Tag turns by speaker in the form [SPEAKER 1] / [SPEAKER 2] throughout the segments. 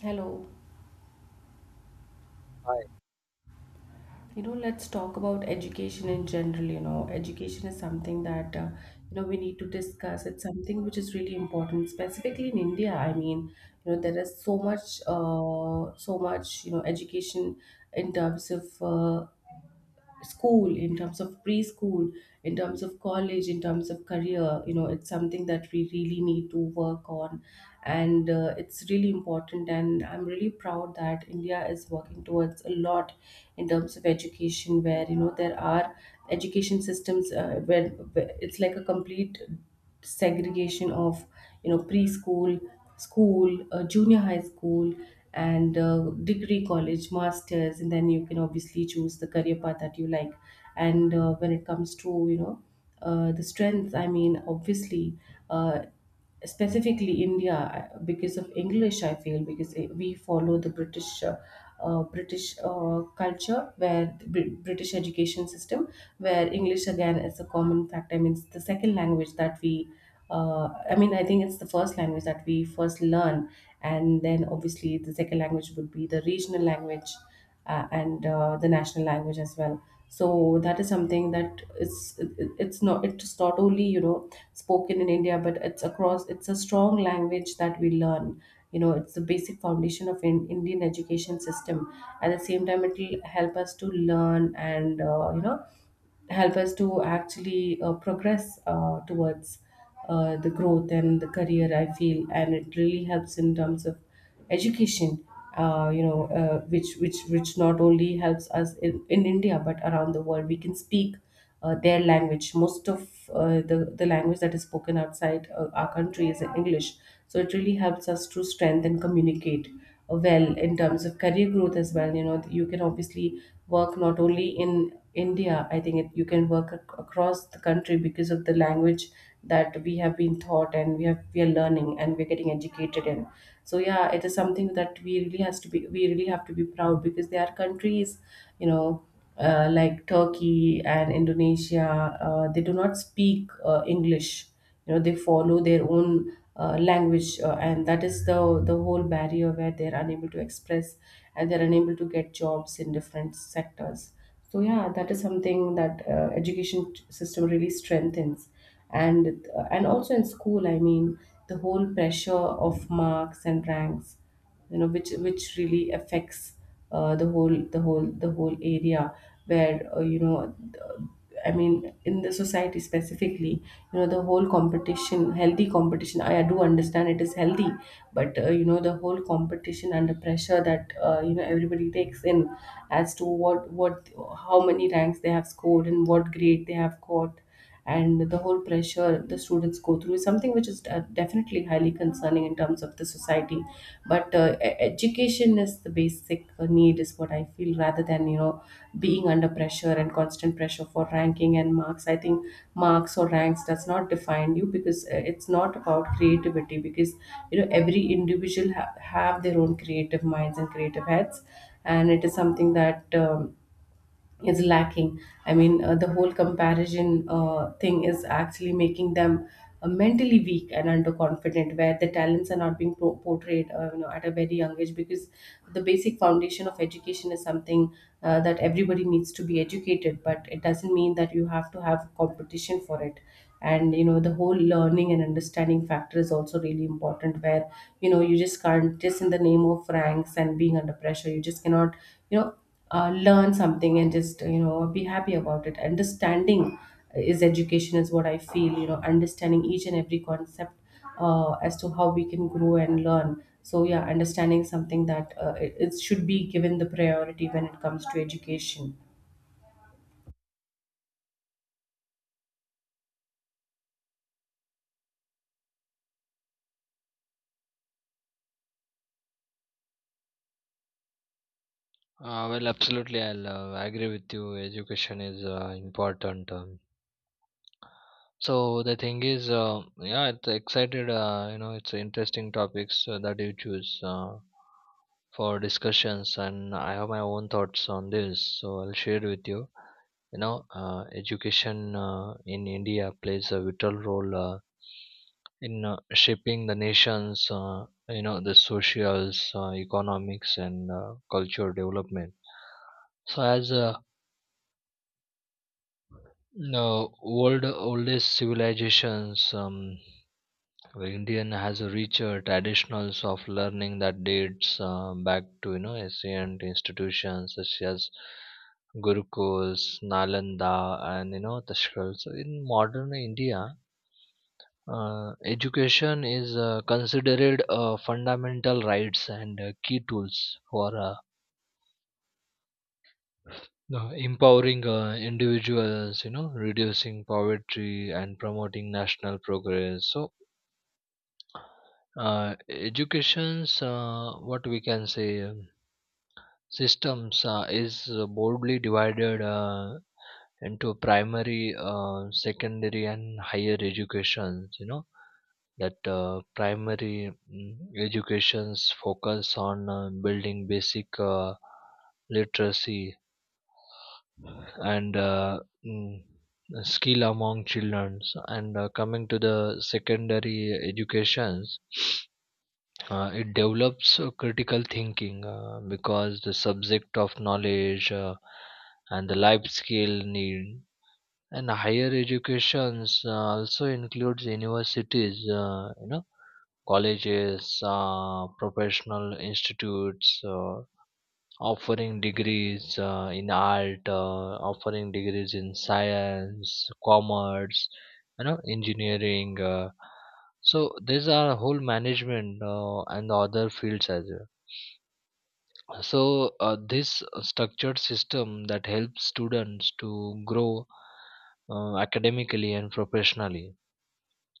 [SPEAKER 1] Hello.
[SPEAKER 2] Hi.
[SPEAKER 1] Let's talk about education in general. You know, education is something that we need to discuss. It's something which is really important, specifically in India. There is so much, education in terms of school, in terms of preschool, in terms of college, in terms of career. You know, it's something that we really need to work on, and it's really important, and I'm really proud that India is working towards a lot in terms of education, where you know there are education systems where it's like a complete segregation of, you know, preschool, school, junior high school, and degree college, masters, and then you can obviously choose the career path that you like. And when it comes to, you know, the strength, I mean, obviously, uh, specifically India, because of English, I feel, because we follow the British, British culture, where the British education system, where English again is a common factor. I mean, it's the second language that I think it's the first language that we first learn, and then obviously the second language would be the regional language, and the national language as well. So that is something that it's it- it- it's not only, you know, spoken in India, but it's across. It's a strong language that we learn. You know, it's the basic foundation of Indian education system. At the same time, it will help us to learn, and help us to actually progress towards the growth and the career, I feel. And it really helps in terms of education, which not only helps us in India, but around the world we can speak their language. Most of the language that is spoken outside our country is English. So it really helps us to strengthen, communicate well in terms of career growth as well. You know, you can obviously work not only in India. You can work across the country because of the language that we have been taught, and we are learning and we're getting educated in. So yeah, it is something that we really have to be proud, because there are countries, you know, like Turkey and Indonesia, they do not speak English. You know, they follow their own language, and that is the whole barrier, where they're unable to express and they're unable to get jobs in different sectors. So yeah, that is something that education system really strengthens. And also in school, I mean, the whole pressure of marks and ranks, which really affects the whole area where, I mean, in the society specifically, you know, the whole competition, healthy competition, I do understand it is healthy, but you know, the whole competition and the pressure that, you know, everybody takes in as to what, how many ranks they have scored and what grade they have got, and the whole pressure the students go through is something which is definitely highly concerning in terms of the society. But education is the basic need is what I feel, rather than, you know, being under pressure and constant pressure for ranking and marks. I think marks or ranks does not define you, because it's not about creativity, because you know every individual have their own creative minds and creative heads. And it is something that is lacking. I mean, the whole comparison thing is actually making them mentally weak and underconfident, where the talents are not being portrayed, you know, at a very young age. Because the basic foundation of education is something that everybody needs to be educated, but it doesn't mean that you have to have competition for it. And you know, the whole learning and understanding factor is also really important, where you know you just can't just in the name of ranks and being under pressure, you just cannot, you know, learn something and just, you know, be happy about it. Understanding is education is what I feel. You know, understanding each and every concept as to how we can grow and learn. So yeah, understanding something that it should be given the priority when it comes to education.
[SPEAKER 2] Well, absolutely, I'll agree with you. Education is important. So the thing is, yeah, it's excited. You know, it's interesting topics that you choose for discussions, and I have my own thoughts on this. So I'll share with you. You know, education in India plays a vital role in shaping the nation's, you know, the socials, economics, and cultural development. So as no, world oldest civilizations. The Indian has a richer traditions of learning that dates back to you know ancient institutions such as Gurukuls, Nalanda, and you know Tashkal. So in modern India, education is considered fundamental rights and key tools for empowering individuals, you know, reducing poverty and promoting national progress. So education's what we can say, systems is broadly divided into primary, secondary and higher educations, you know, that primary educations focus on building basic literacy and mm, skill among children. And coming to the secondary educations, it develops critical thinking because the subject of knowledge and the life skill need. And higher educations also includes universities, you know, colleges, professional institutes offering degrees in art, offering degrees in science, commerce, you know, engineering. So these are whole management and other fields as well. So this structured system that helps students to grow academically and professionally.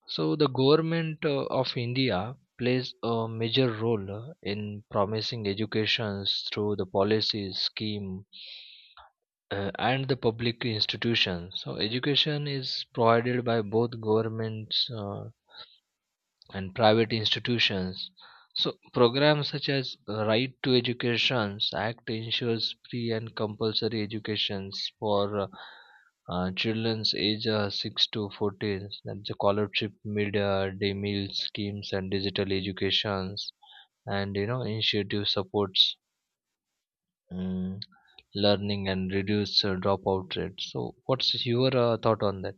[SPEAKER 2] So the government of India plays a major role in promising education through the policies scheme and the public institutions. So education is provided by both governments and private institutions. So programs such as Right to Education Act ensures free and compulsory educations for children's age 6 to 14. That's the scholarship, mid day meal schemes, and digital educations, and you know initiative supports. Mm, learning and reduce dropout rate. So what's your thought on that?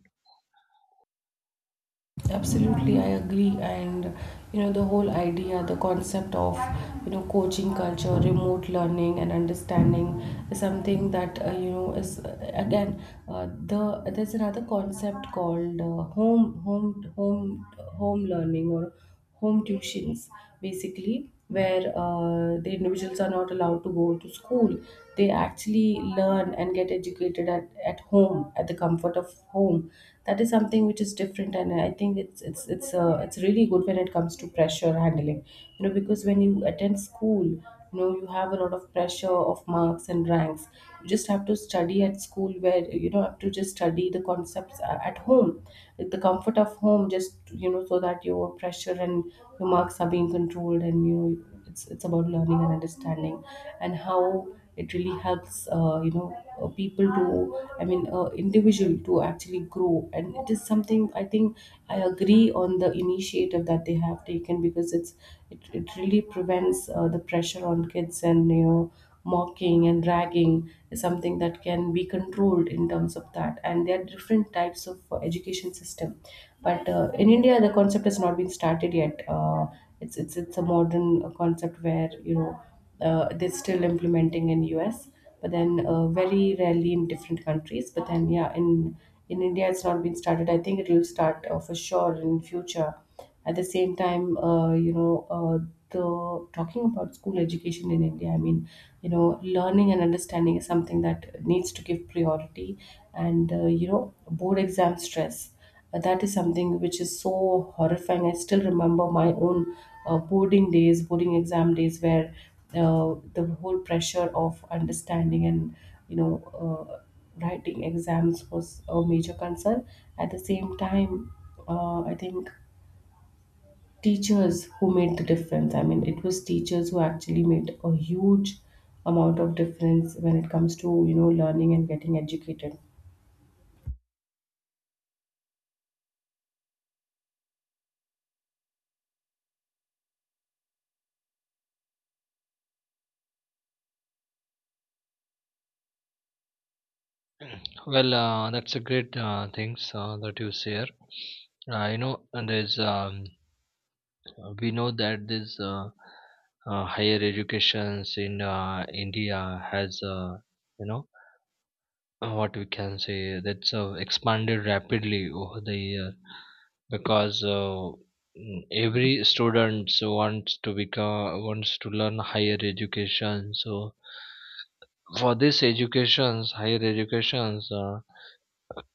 [SPEAKER 1] Absolutely, I agree. And you know, the whole idea the concept of, you know, coaching culture, remote learning and understanding is something that, you know is again the there's another concept called home learning or home tuitions, basically, where the individuals are not allowed to go to school. They actually learn and get educated at home, at the comfort of home. That is something which is different, and I think it's really good when it comes to pressure handling. You know, because when you attend school, you know, you have a lot of pressure of marks and ranks. You just have to study at school, where you don't have to just study the concepts at home with the comfort of home, just, you know, so that your pressure and your marks are being controlled. And you know, it's about learning and understanding, and how it really helps, people to, I mean, individual to actually grow. And it is something, I think, I agree on the initiative that they have taken, because it really prevents the pressure on kids. And you know, mocking and ragging is something that can be controlled in terms of that. And there are different types of education system, but in India the concept has not been started yet. It's it's a modern concept, where you know they're still implementing in US, but then very rarely in different countries. But then yeah, in India it's not been started. I think it will start for sure in future. At the same time, you know, the talking about school education in India, I mean, you know, learning and understanding is something that needs to give priority, and you know, board exam stress. That is something which is so horrifying. I still remember my own boarding exam days, where the whole pressure of understanding and you know uh, writing exams was a major concern. At the same time, I think teachers who made the difference. I mean, it was teachers who actually made a huge amount of difference when it comes to, you know, learning and getting educated.
[SPEAKER 2] Well, that's a great things that you share. You know, and there's, we know that this higher educations in India has, you know, what we can say, that's expanded rapidly over the year because every student wants to become, wants to learn higher education. So for this educations, higher educations, uh,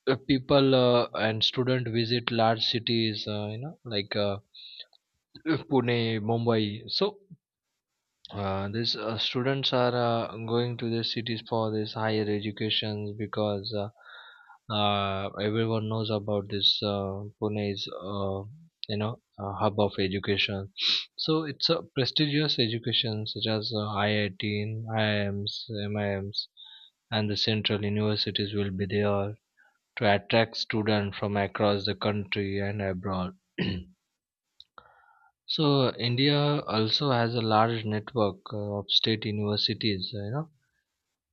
[SPEAKER 2] uh, people and student visit large cities, you know, like Pune, Mumbai. So this students are going to the cities for this higher educations because everyone knows about this. Pune is, you know, a hub of education. So it's a prestigious education such as IIT, IIMs, MIMs, and the central universities will be there to attract students from across the country and abroad. So India also has a large network of state universities, you know,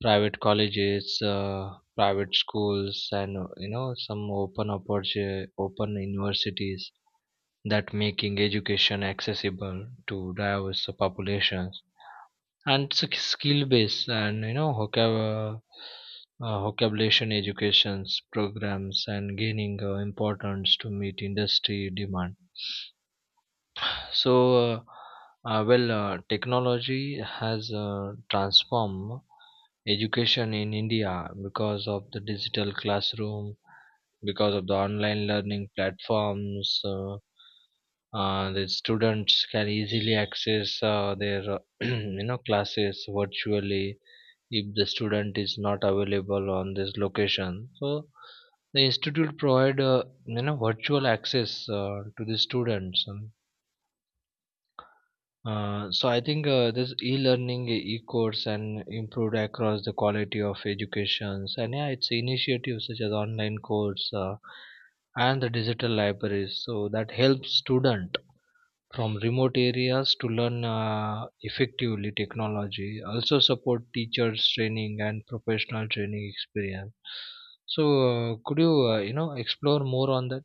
[SPEAKER 2] private colleges, private schools, and you know some open universities that making education accessible to diverse populations, and it's a skill based and you know vocabulation educations programs and gaining importance to meet industry demand. So, well, technology has transformed education in India because of the digital classroom, because of the online learning platforms. The students can easily access their you know classes virtually if the student is not available on this location. So the institute provide, you know, virtual access to the students. So I think this e-learning, e-course, and improved across the quality of educations, and yeah, it's initiatives such as online course and the digital libraries. So that helps student from remote areas to learn effectively technology. Also support teachers training and professional training experience. So could you you know explore more on that?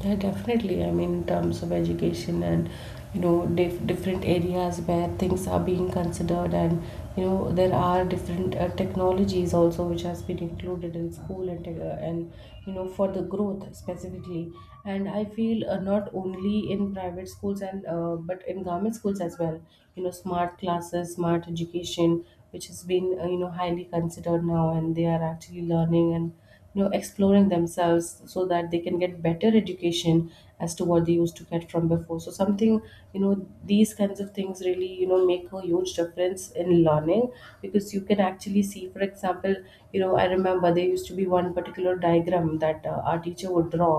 [SPEAKER 1] Yeah, definitely. I mean, in terms of education, and you know different areas where things are being considered, and you know there are different technologies also which has been included in school and you know for the growth specifically. And I feel not only in private schools and but in government schools as well. You know, smart classes, smart education, which has been, highly considered now, and they are actually learning and you know exploring themselves, so that they can get better education as to what they used to get from before. So something, you know, these kinds of things really, you know, make a huge difference in learning. Because you can actually see, for example, you know, I remember there used to be one particular diagram that our teacher would draw,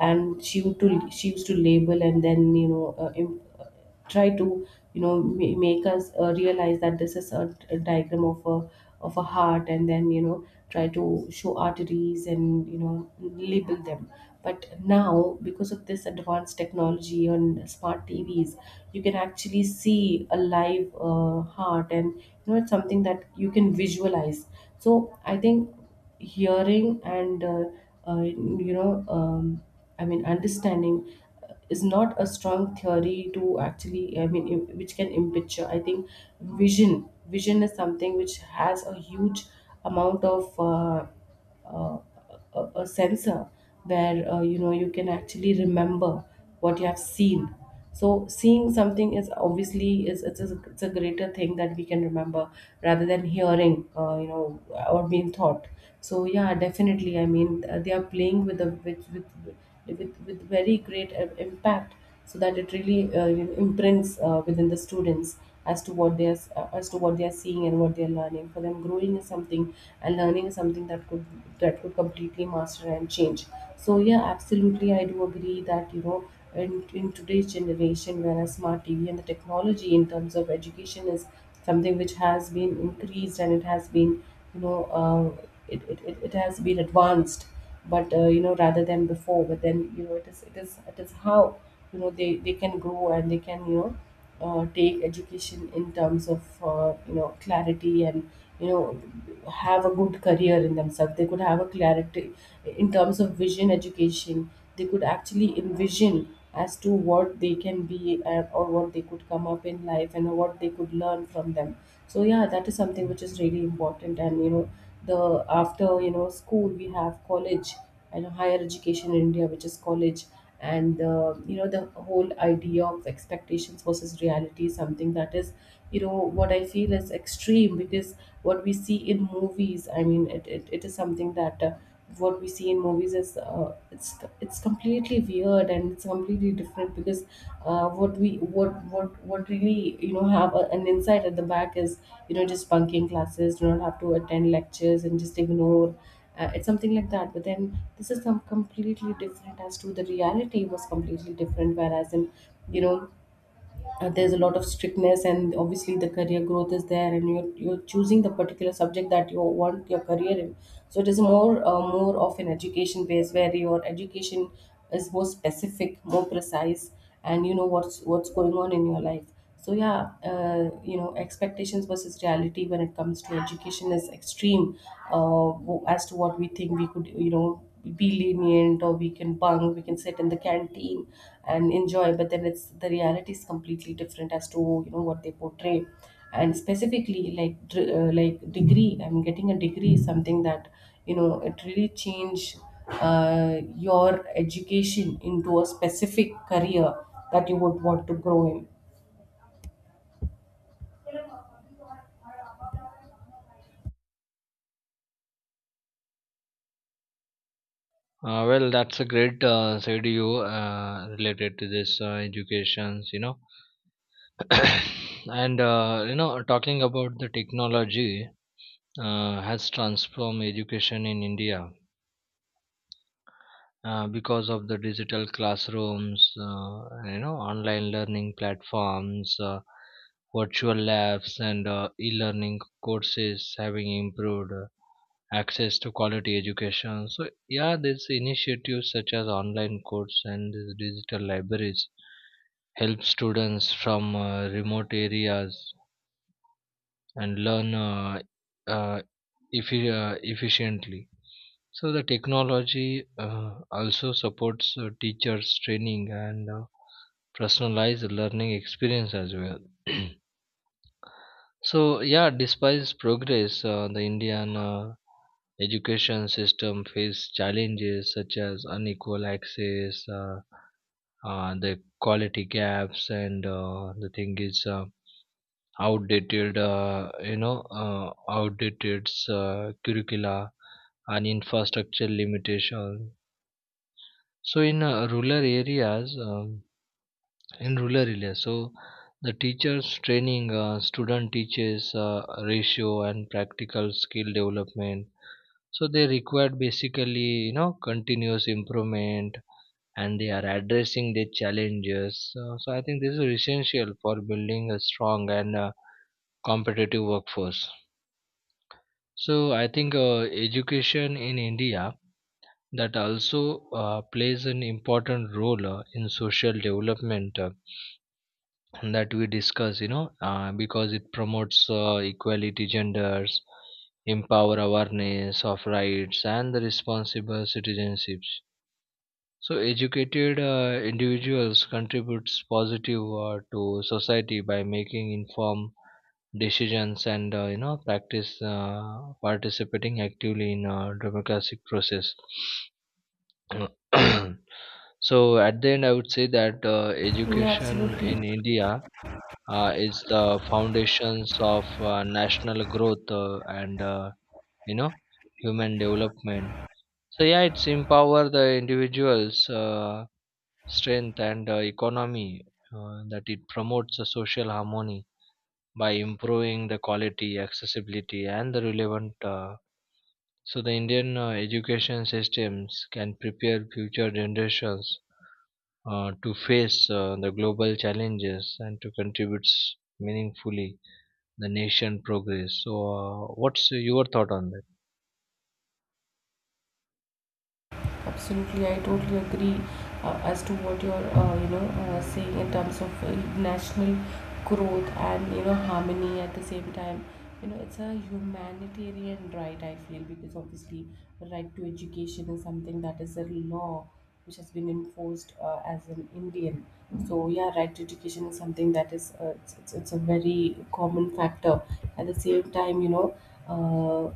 [SPEAKER 1] and she used to label, and then you know try to, you know, make us realize that this is a diagram of a, of a heart, and then you know try to show arteries and you know label them. But now, because of this advanced technology on smart TVs, you can actually see a live heart, and you know it's something that you can visualize. So I think hearing and, uh, you know um, understanding is not a strong theory to actually, which can picture. I think vision is something which has a huge amount of, uh, a, sensor, where you know you can actually remember what you have seen. So seeing something is obviously is it's a greater thing that we can remember, rather than hearing, or being thought. So yeah, definitely, I mean, they are playing with the with very great impact, so that it really, you know, Imprints within the students as to what they are seeing and what they are learning. For them, growing is something and learning is something that could completely master and change. So yeah, absolutely, I do agree that in today's generation, where a smart tv and the technology in terms of education is something which has been increased and it has been, it has been advanced but rather than before. But then you know it is how they can grow and they can take education in terms of clarity, and you know, have a good career in themselves. They could have a clarity in terms of vision education. They could actually envision as to what they can be or what they could come up in life and what they could learn from them. So yeah, that is something which is really important. And you know, the after you know, school we have college, and higher education in India, which is college. And you know, the whole idea of expectations versus reality is something that is, you know, what I feel is extreme. Because what we see in movies, I mean it is something that, what we see in movies is, it's completely weird and it's completely different. Because what we what really, you know, have a, an insight at the back is, you know, just bunking classes, do not have to attend lectures and just ignore. It's something like that, but then this is some completely different as to the reality was completely different. Whereas in, you know, there's a lot of strictness, and obviously the career growth is there, and you're choosing the particular subject that you want your career in. So it is more of an education base, where your education is more specific, more precise, and you know what's going on in your life. So yeah, you know, expectations versus reality when it comes to education is extreme. As to what we think, we could, you know, be lenient, or we can bunk, we can sit in the canteen and enjoy. But then it's, the reality is completely different as to you know what they portray. And specifically like like degree, I'm getting a degree is something that, you know, it really change your education into a specific career that you would want to grow in.
[SPEAKER 2] Well, that's a great side you related to this educations, you know, and you know, talking about the technology has transformed education in India because of the digital classrooms, you know, online learning platforms, virtual labs, and e-learning courses having improved access to quality education. So yeah, these initiatives such as online courses and these digital libraries help students from remote areas and learn uh, efficiently. So the technology also supports teachers' training and personalized learning experience as well. So yeah, despite progress, the Indian education system faces challenges such as unequal access, the quality gaps, and the thing is outdated curricula and infrastructure limitation. So in rural areas. In rural areas, so the teachers training, student teaches ratio and practical skill development, so they require basically you know continuous improvement, and they are addressing their challenges. So, so I think this is essential for building a strong and competitive workforce. So I think education in India that also plays an important role in social development, that we discuss, you know, because it promotes equality genders, empower awareness of rights and the responsible citizenships. So educated individuals contributes positive to society by making informed decisions and you know practice participating actively in democratic process. So at the end, I would say that
[SPEAKER 1] Yeah,
[SPEAKER 2] education
[SPEAKER 1] absolutely,
[SPEAKER 2] in India is the foundations of national growth and you know human development. So yeah, it's empower the individuals, strength and economy. That it promotes a social harmony by improving the quality, accessibility, and the relevant. So the Indian education systems can prepare future generations to face the global challenges and to contribute meaningfully the nation progress. So what's your thought on that?
[SPEAKER 1] absolutely. I totally agree as to what you're, you know, saying in terms of, national growth and you know, harmony at the same time. You know, it's a humanitarian right, I feel. Because obviously, the right to education is something that is a law which has been enforced as an Indian. So yeah, right to education is something that is, it's a very common factor. At the same time, you know. Uh,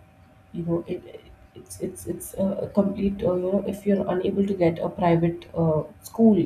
[SPEAKER 1] you know it, it's a complete, you know, if you're unable to get a private school,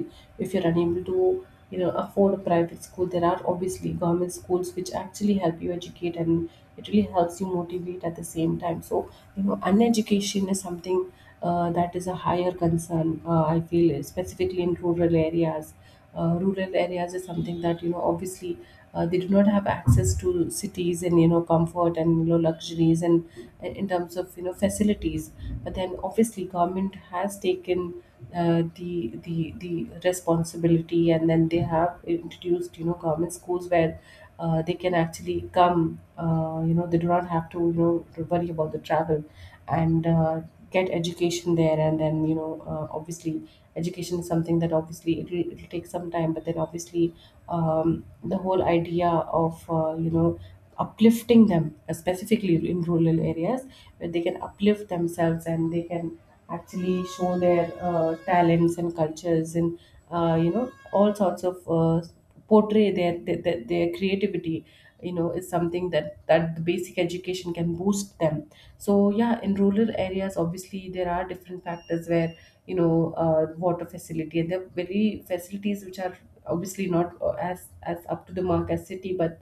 [SPEAKER 1] if you're unable to, you know, afford a private school, there are obviously government schools which actually help you educate, and it really helps you motivate at the same time. So you know, uneducation is something that is a higher concern, I feel, specifically in rural areas. Rural areas is something that, you know, obviously they do not have access to cities, and you know, comfort, and you know, luxuries, and in terms of, you know, facilities. But then obviously government has taken the responsibility, and then they have introduced, you know, government schools where they can actually come, you know, they do not have to you know, worry about the travel, and get education there. And then you know, obviously education is something that obviously it'll take some time. But then obviously, the whole idea of, you know, uplifting them, specifically in rural areas, where they can uplift themselves, and they can actually show their talents and cultures, and you know, all sorts of, portray their creativity, you know, is something that the basic education can boost them. So yeah, in rural areas, obviously there are different factors where, you know, water facility, and there are very facilities which are obviously not as as up to the mark as city,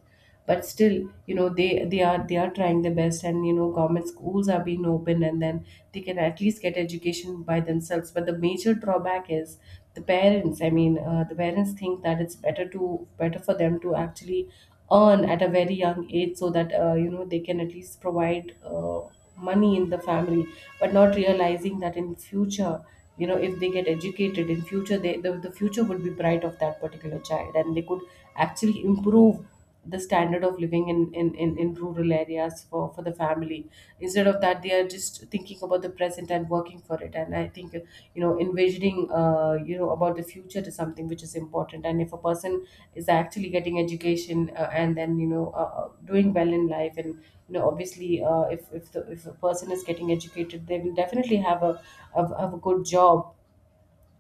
[SPEAKER 1] but still, you know, they are trying their best, and you know, government schools are being open, and then they can at least get education by themselves. But the major drawback is the parents. I mean, the parents think that it's better for them to actually earn at a very young age, so that you know, they can at least provide money in the family, but not realizing that in future, you know, if they get educated in future, the future would be bright of that particular child, and they could actually improve the standard of living in rural areas, for the family. Instead of that, they are just thinking about the present and working for it. And I think, you know, envisioning, you know, about the future is something which is important. And if a person is actually getting education and then, you know, doing well in life. And, you know, obviously, if if a person is getting educated, they will definitely have a good job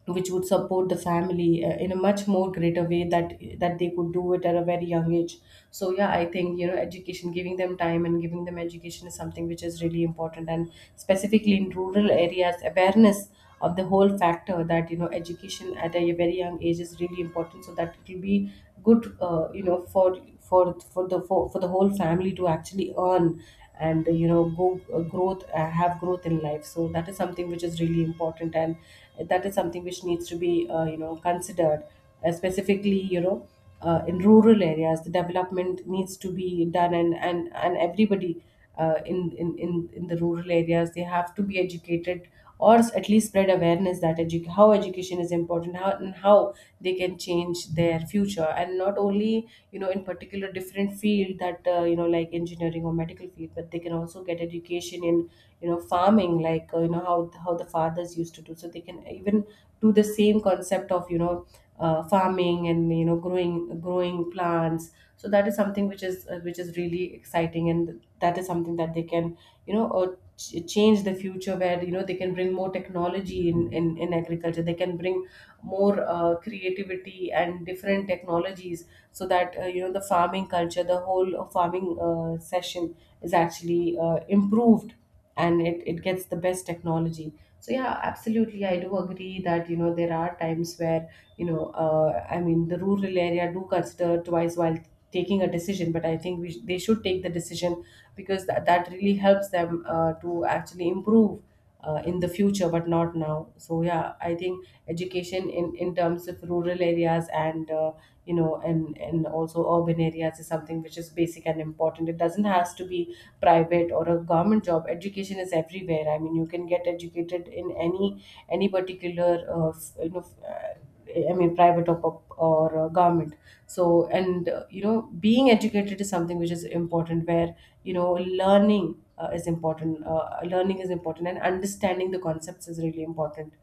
[SPEAKER 1] which would support the family in a much more greater way that they could do it at a very young age. So yeah, I think, you know, education, giving them time and giving them education is something which is really important. And specifically in rural areas, awareness of the whole factor that, you know, education at a very young age is really important, so that it will be good, you know, for the whole family to actually earn, and you know, go growth have growth in life. So that is something which is really important, and that is something which needs to be, you know, considered, specifically, you know, in rural areas the development needs to be done, and everybody in the rural areas, they have to be educated, or at least spread awareness that how education is important, how, and how they can change their future. And not only, you know, in particular different field that, you know, like engineering or medical field, but they can also get education in, you know, farming, like, you know, how the fathers used to do. So they can even do the same concept of, you know, farming, and you know, growing plants. So that is something which is, which is really exciting. And that is something that they can, you know, change the future, where you know, they can bring more technology in agriculture. They can bring more creativity and different technologies, so that you know, the farming culture, the whole farming session is actually improved, and it gets the best technology. So yeah, absolutely, I do agree that, you know, there are times where, you know, I mean, the rural area do consider twice while taking a decision. But I think they should take the decision, because that really helps them to actually improve in the future, but not now. So yeah, I think education in terms of rural areas, and you know, and also urban areas is something which is basic and important. It doesn't has to be private or a government job. Education is everywhere. I mean, you can get educated in any particular you know, I mean, private or government. So, and you know, being educated is something which is important. Where, you know, learning is important. Learning is important, and understanding the concepts is really important.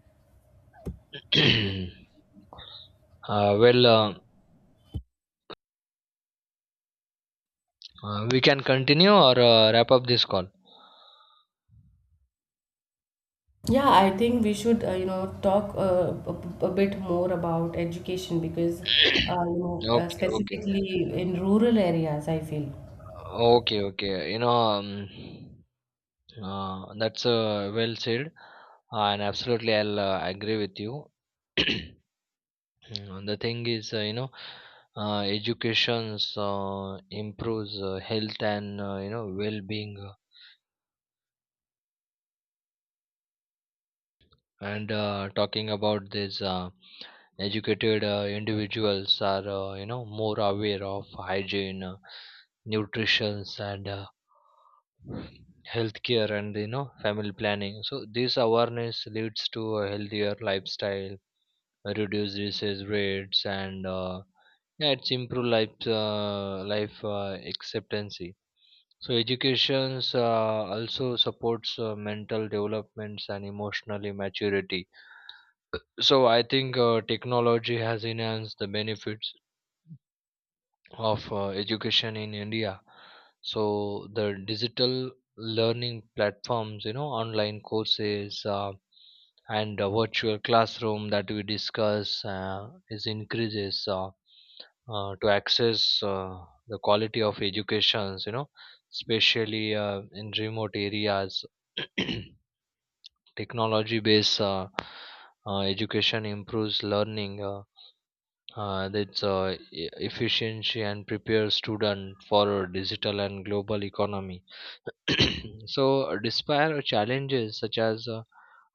[SPEAKER 1] Yeah.
[SPEAKER 2] Well, we can continue or wrap up this call.
[SPEAKER 1] Yeah, I think we should, you know, talk a bit more about education. Because, you know,
[SPEAKER 2] Okay, okay,
[SPEAKER 1] specifically in rural areas, I feel.
[SPEAKER 2] okay, okay. You know, that's well said, and absolutely, I'll agree with you. The thing is, you know, education improves health and you know well-being. And talking about this, educated individuals are, you know, more aware of hygiene, nutrition, and healthcare, and you know family planning. So this awareness leads to a healthier lifestyle, reduce disease rates, and yeah, it's improve life expectancy. So educations also supports mental developments and emotionally maturity. So I think technology has enhanced the benefits of education in India. So the digital learning platforms, you know, online courses and virtual classroom that we discuss is increases, to access the quality of educations, you know, especially in remote areas. Technology based education improves learning, that's efficiency, and prepares student for a digital and global economy. So despite challenges such as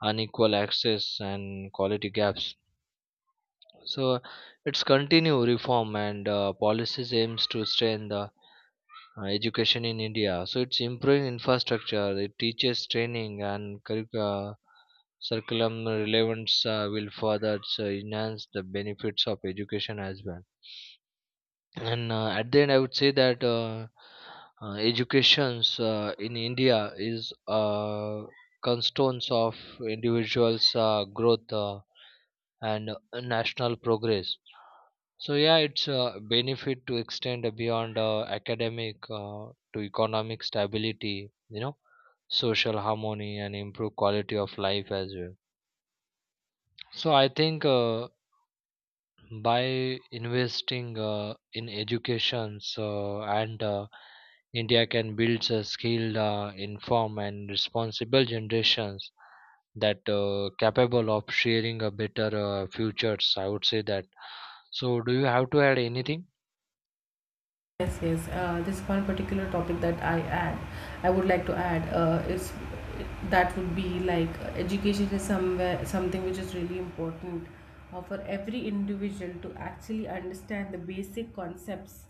[SPEAKER 2] unequal access and quality gaps, so its continue reform and policies aims to strengthen the education in India. So it's improving infrastructure, it teaches training and curriculum relevance will further enhance the benefits of education as well. And at the end, I would say that educations in India is a cornerstone of individuals' growth and national progress. So yeah, it's a benefit to extend beyond academic to economic stability, you know, social harmony and improve quality of life as well. So I think by investing in education, so and India can build a skilled, informed and responsible generations that capable of sharing a better futures. I would say that. So do you have to add anything?
[SPEAKER 1] Yes, yes. This one particular topic that I add, I would like to add is, that would be like, education is somewhere something which is really important for every individual to actually understand the basic concepts.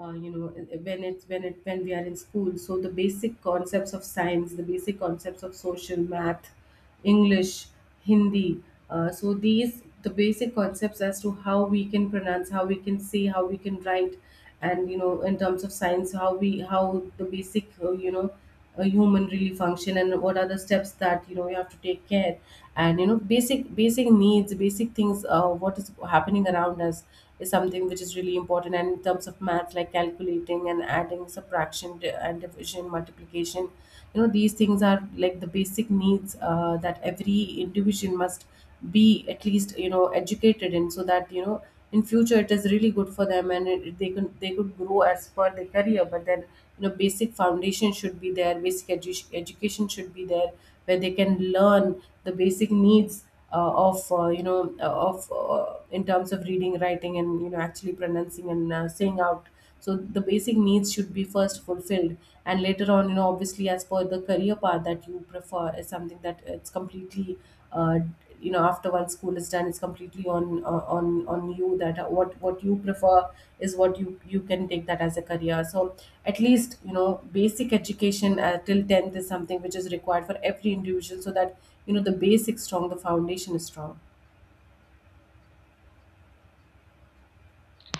[SPEAKER 1] You know, when it's when it when we are in school, so the basic concepts of science, the basic concepts of social, math, English, Hindi. So these the basic concepts as to how we can pronounce, how we can say, how we can write, and you know, in terms of science, how the basic, you know, a human really function, and what are the steps that you know, you have to take care. And you know, basic needs, basic things, what is happening around us is something which is really important. And in terms of math, like calculating and adding, subtraction, and division, multiplication, you know, these things are like the basic needs that every individual must be at least, you know, educated in. So that, you know, in future it is really good for them, and they can they could grow as per their career. But then, you know, basic foundation should be there, basic education should be there, where they can learn the basic needs of you know, of in terms of reading, writing, and you know, actually pronouncing and saying out. So the basic needs should be first fulfilled, and later on, you know, obviously as per the career path that you prefer is something that it's completely, uh, you know, after once school is done, it's completely on, on you, that what you prefer is what you can take that as a career. So at least you know, basic education till 10th is something which is required for every individual, so that you know the basic strong the foundation is strong.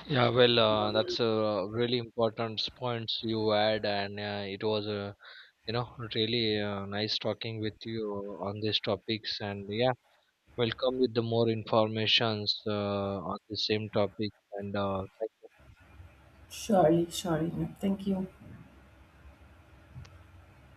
[SPEAKER 2] Yeah, well, that's a really important points you add, and it was, you know, really nice talking with you on these topics. And yeah, welcome with the more informations on the same topic. And
[SPEAKER 1] Surely, surely, thank you.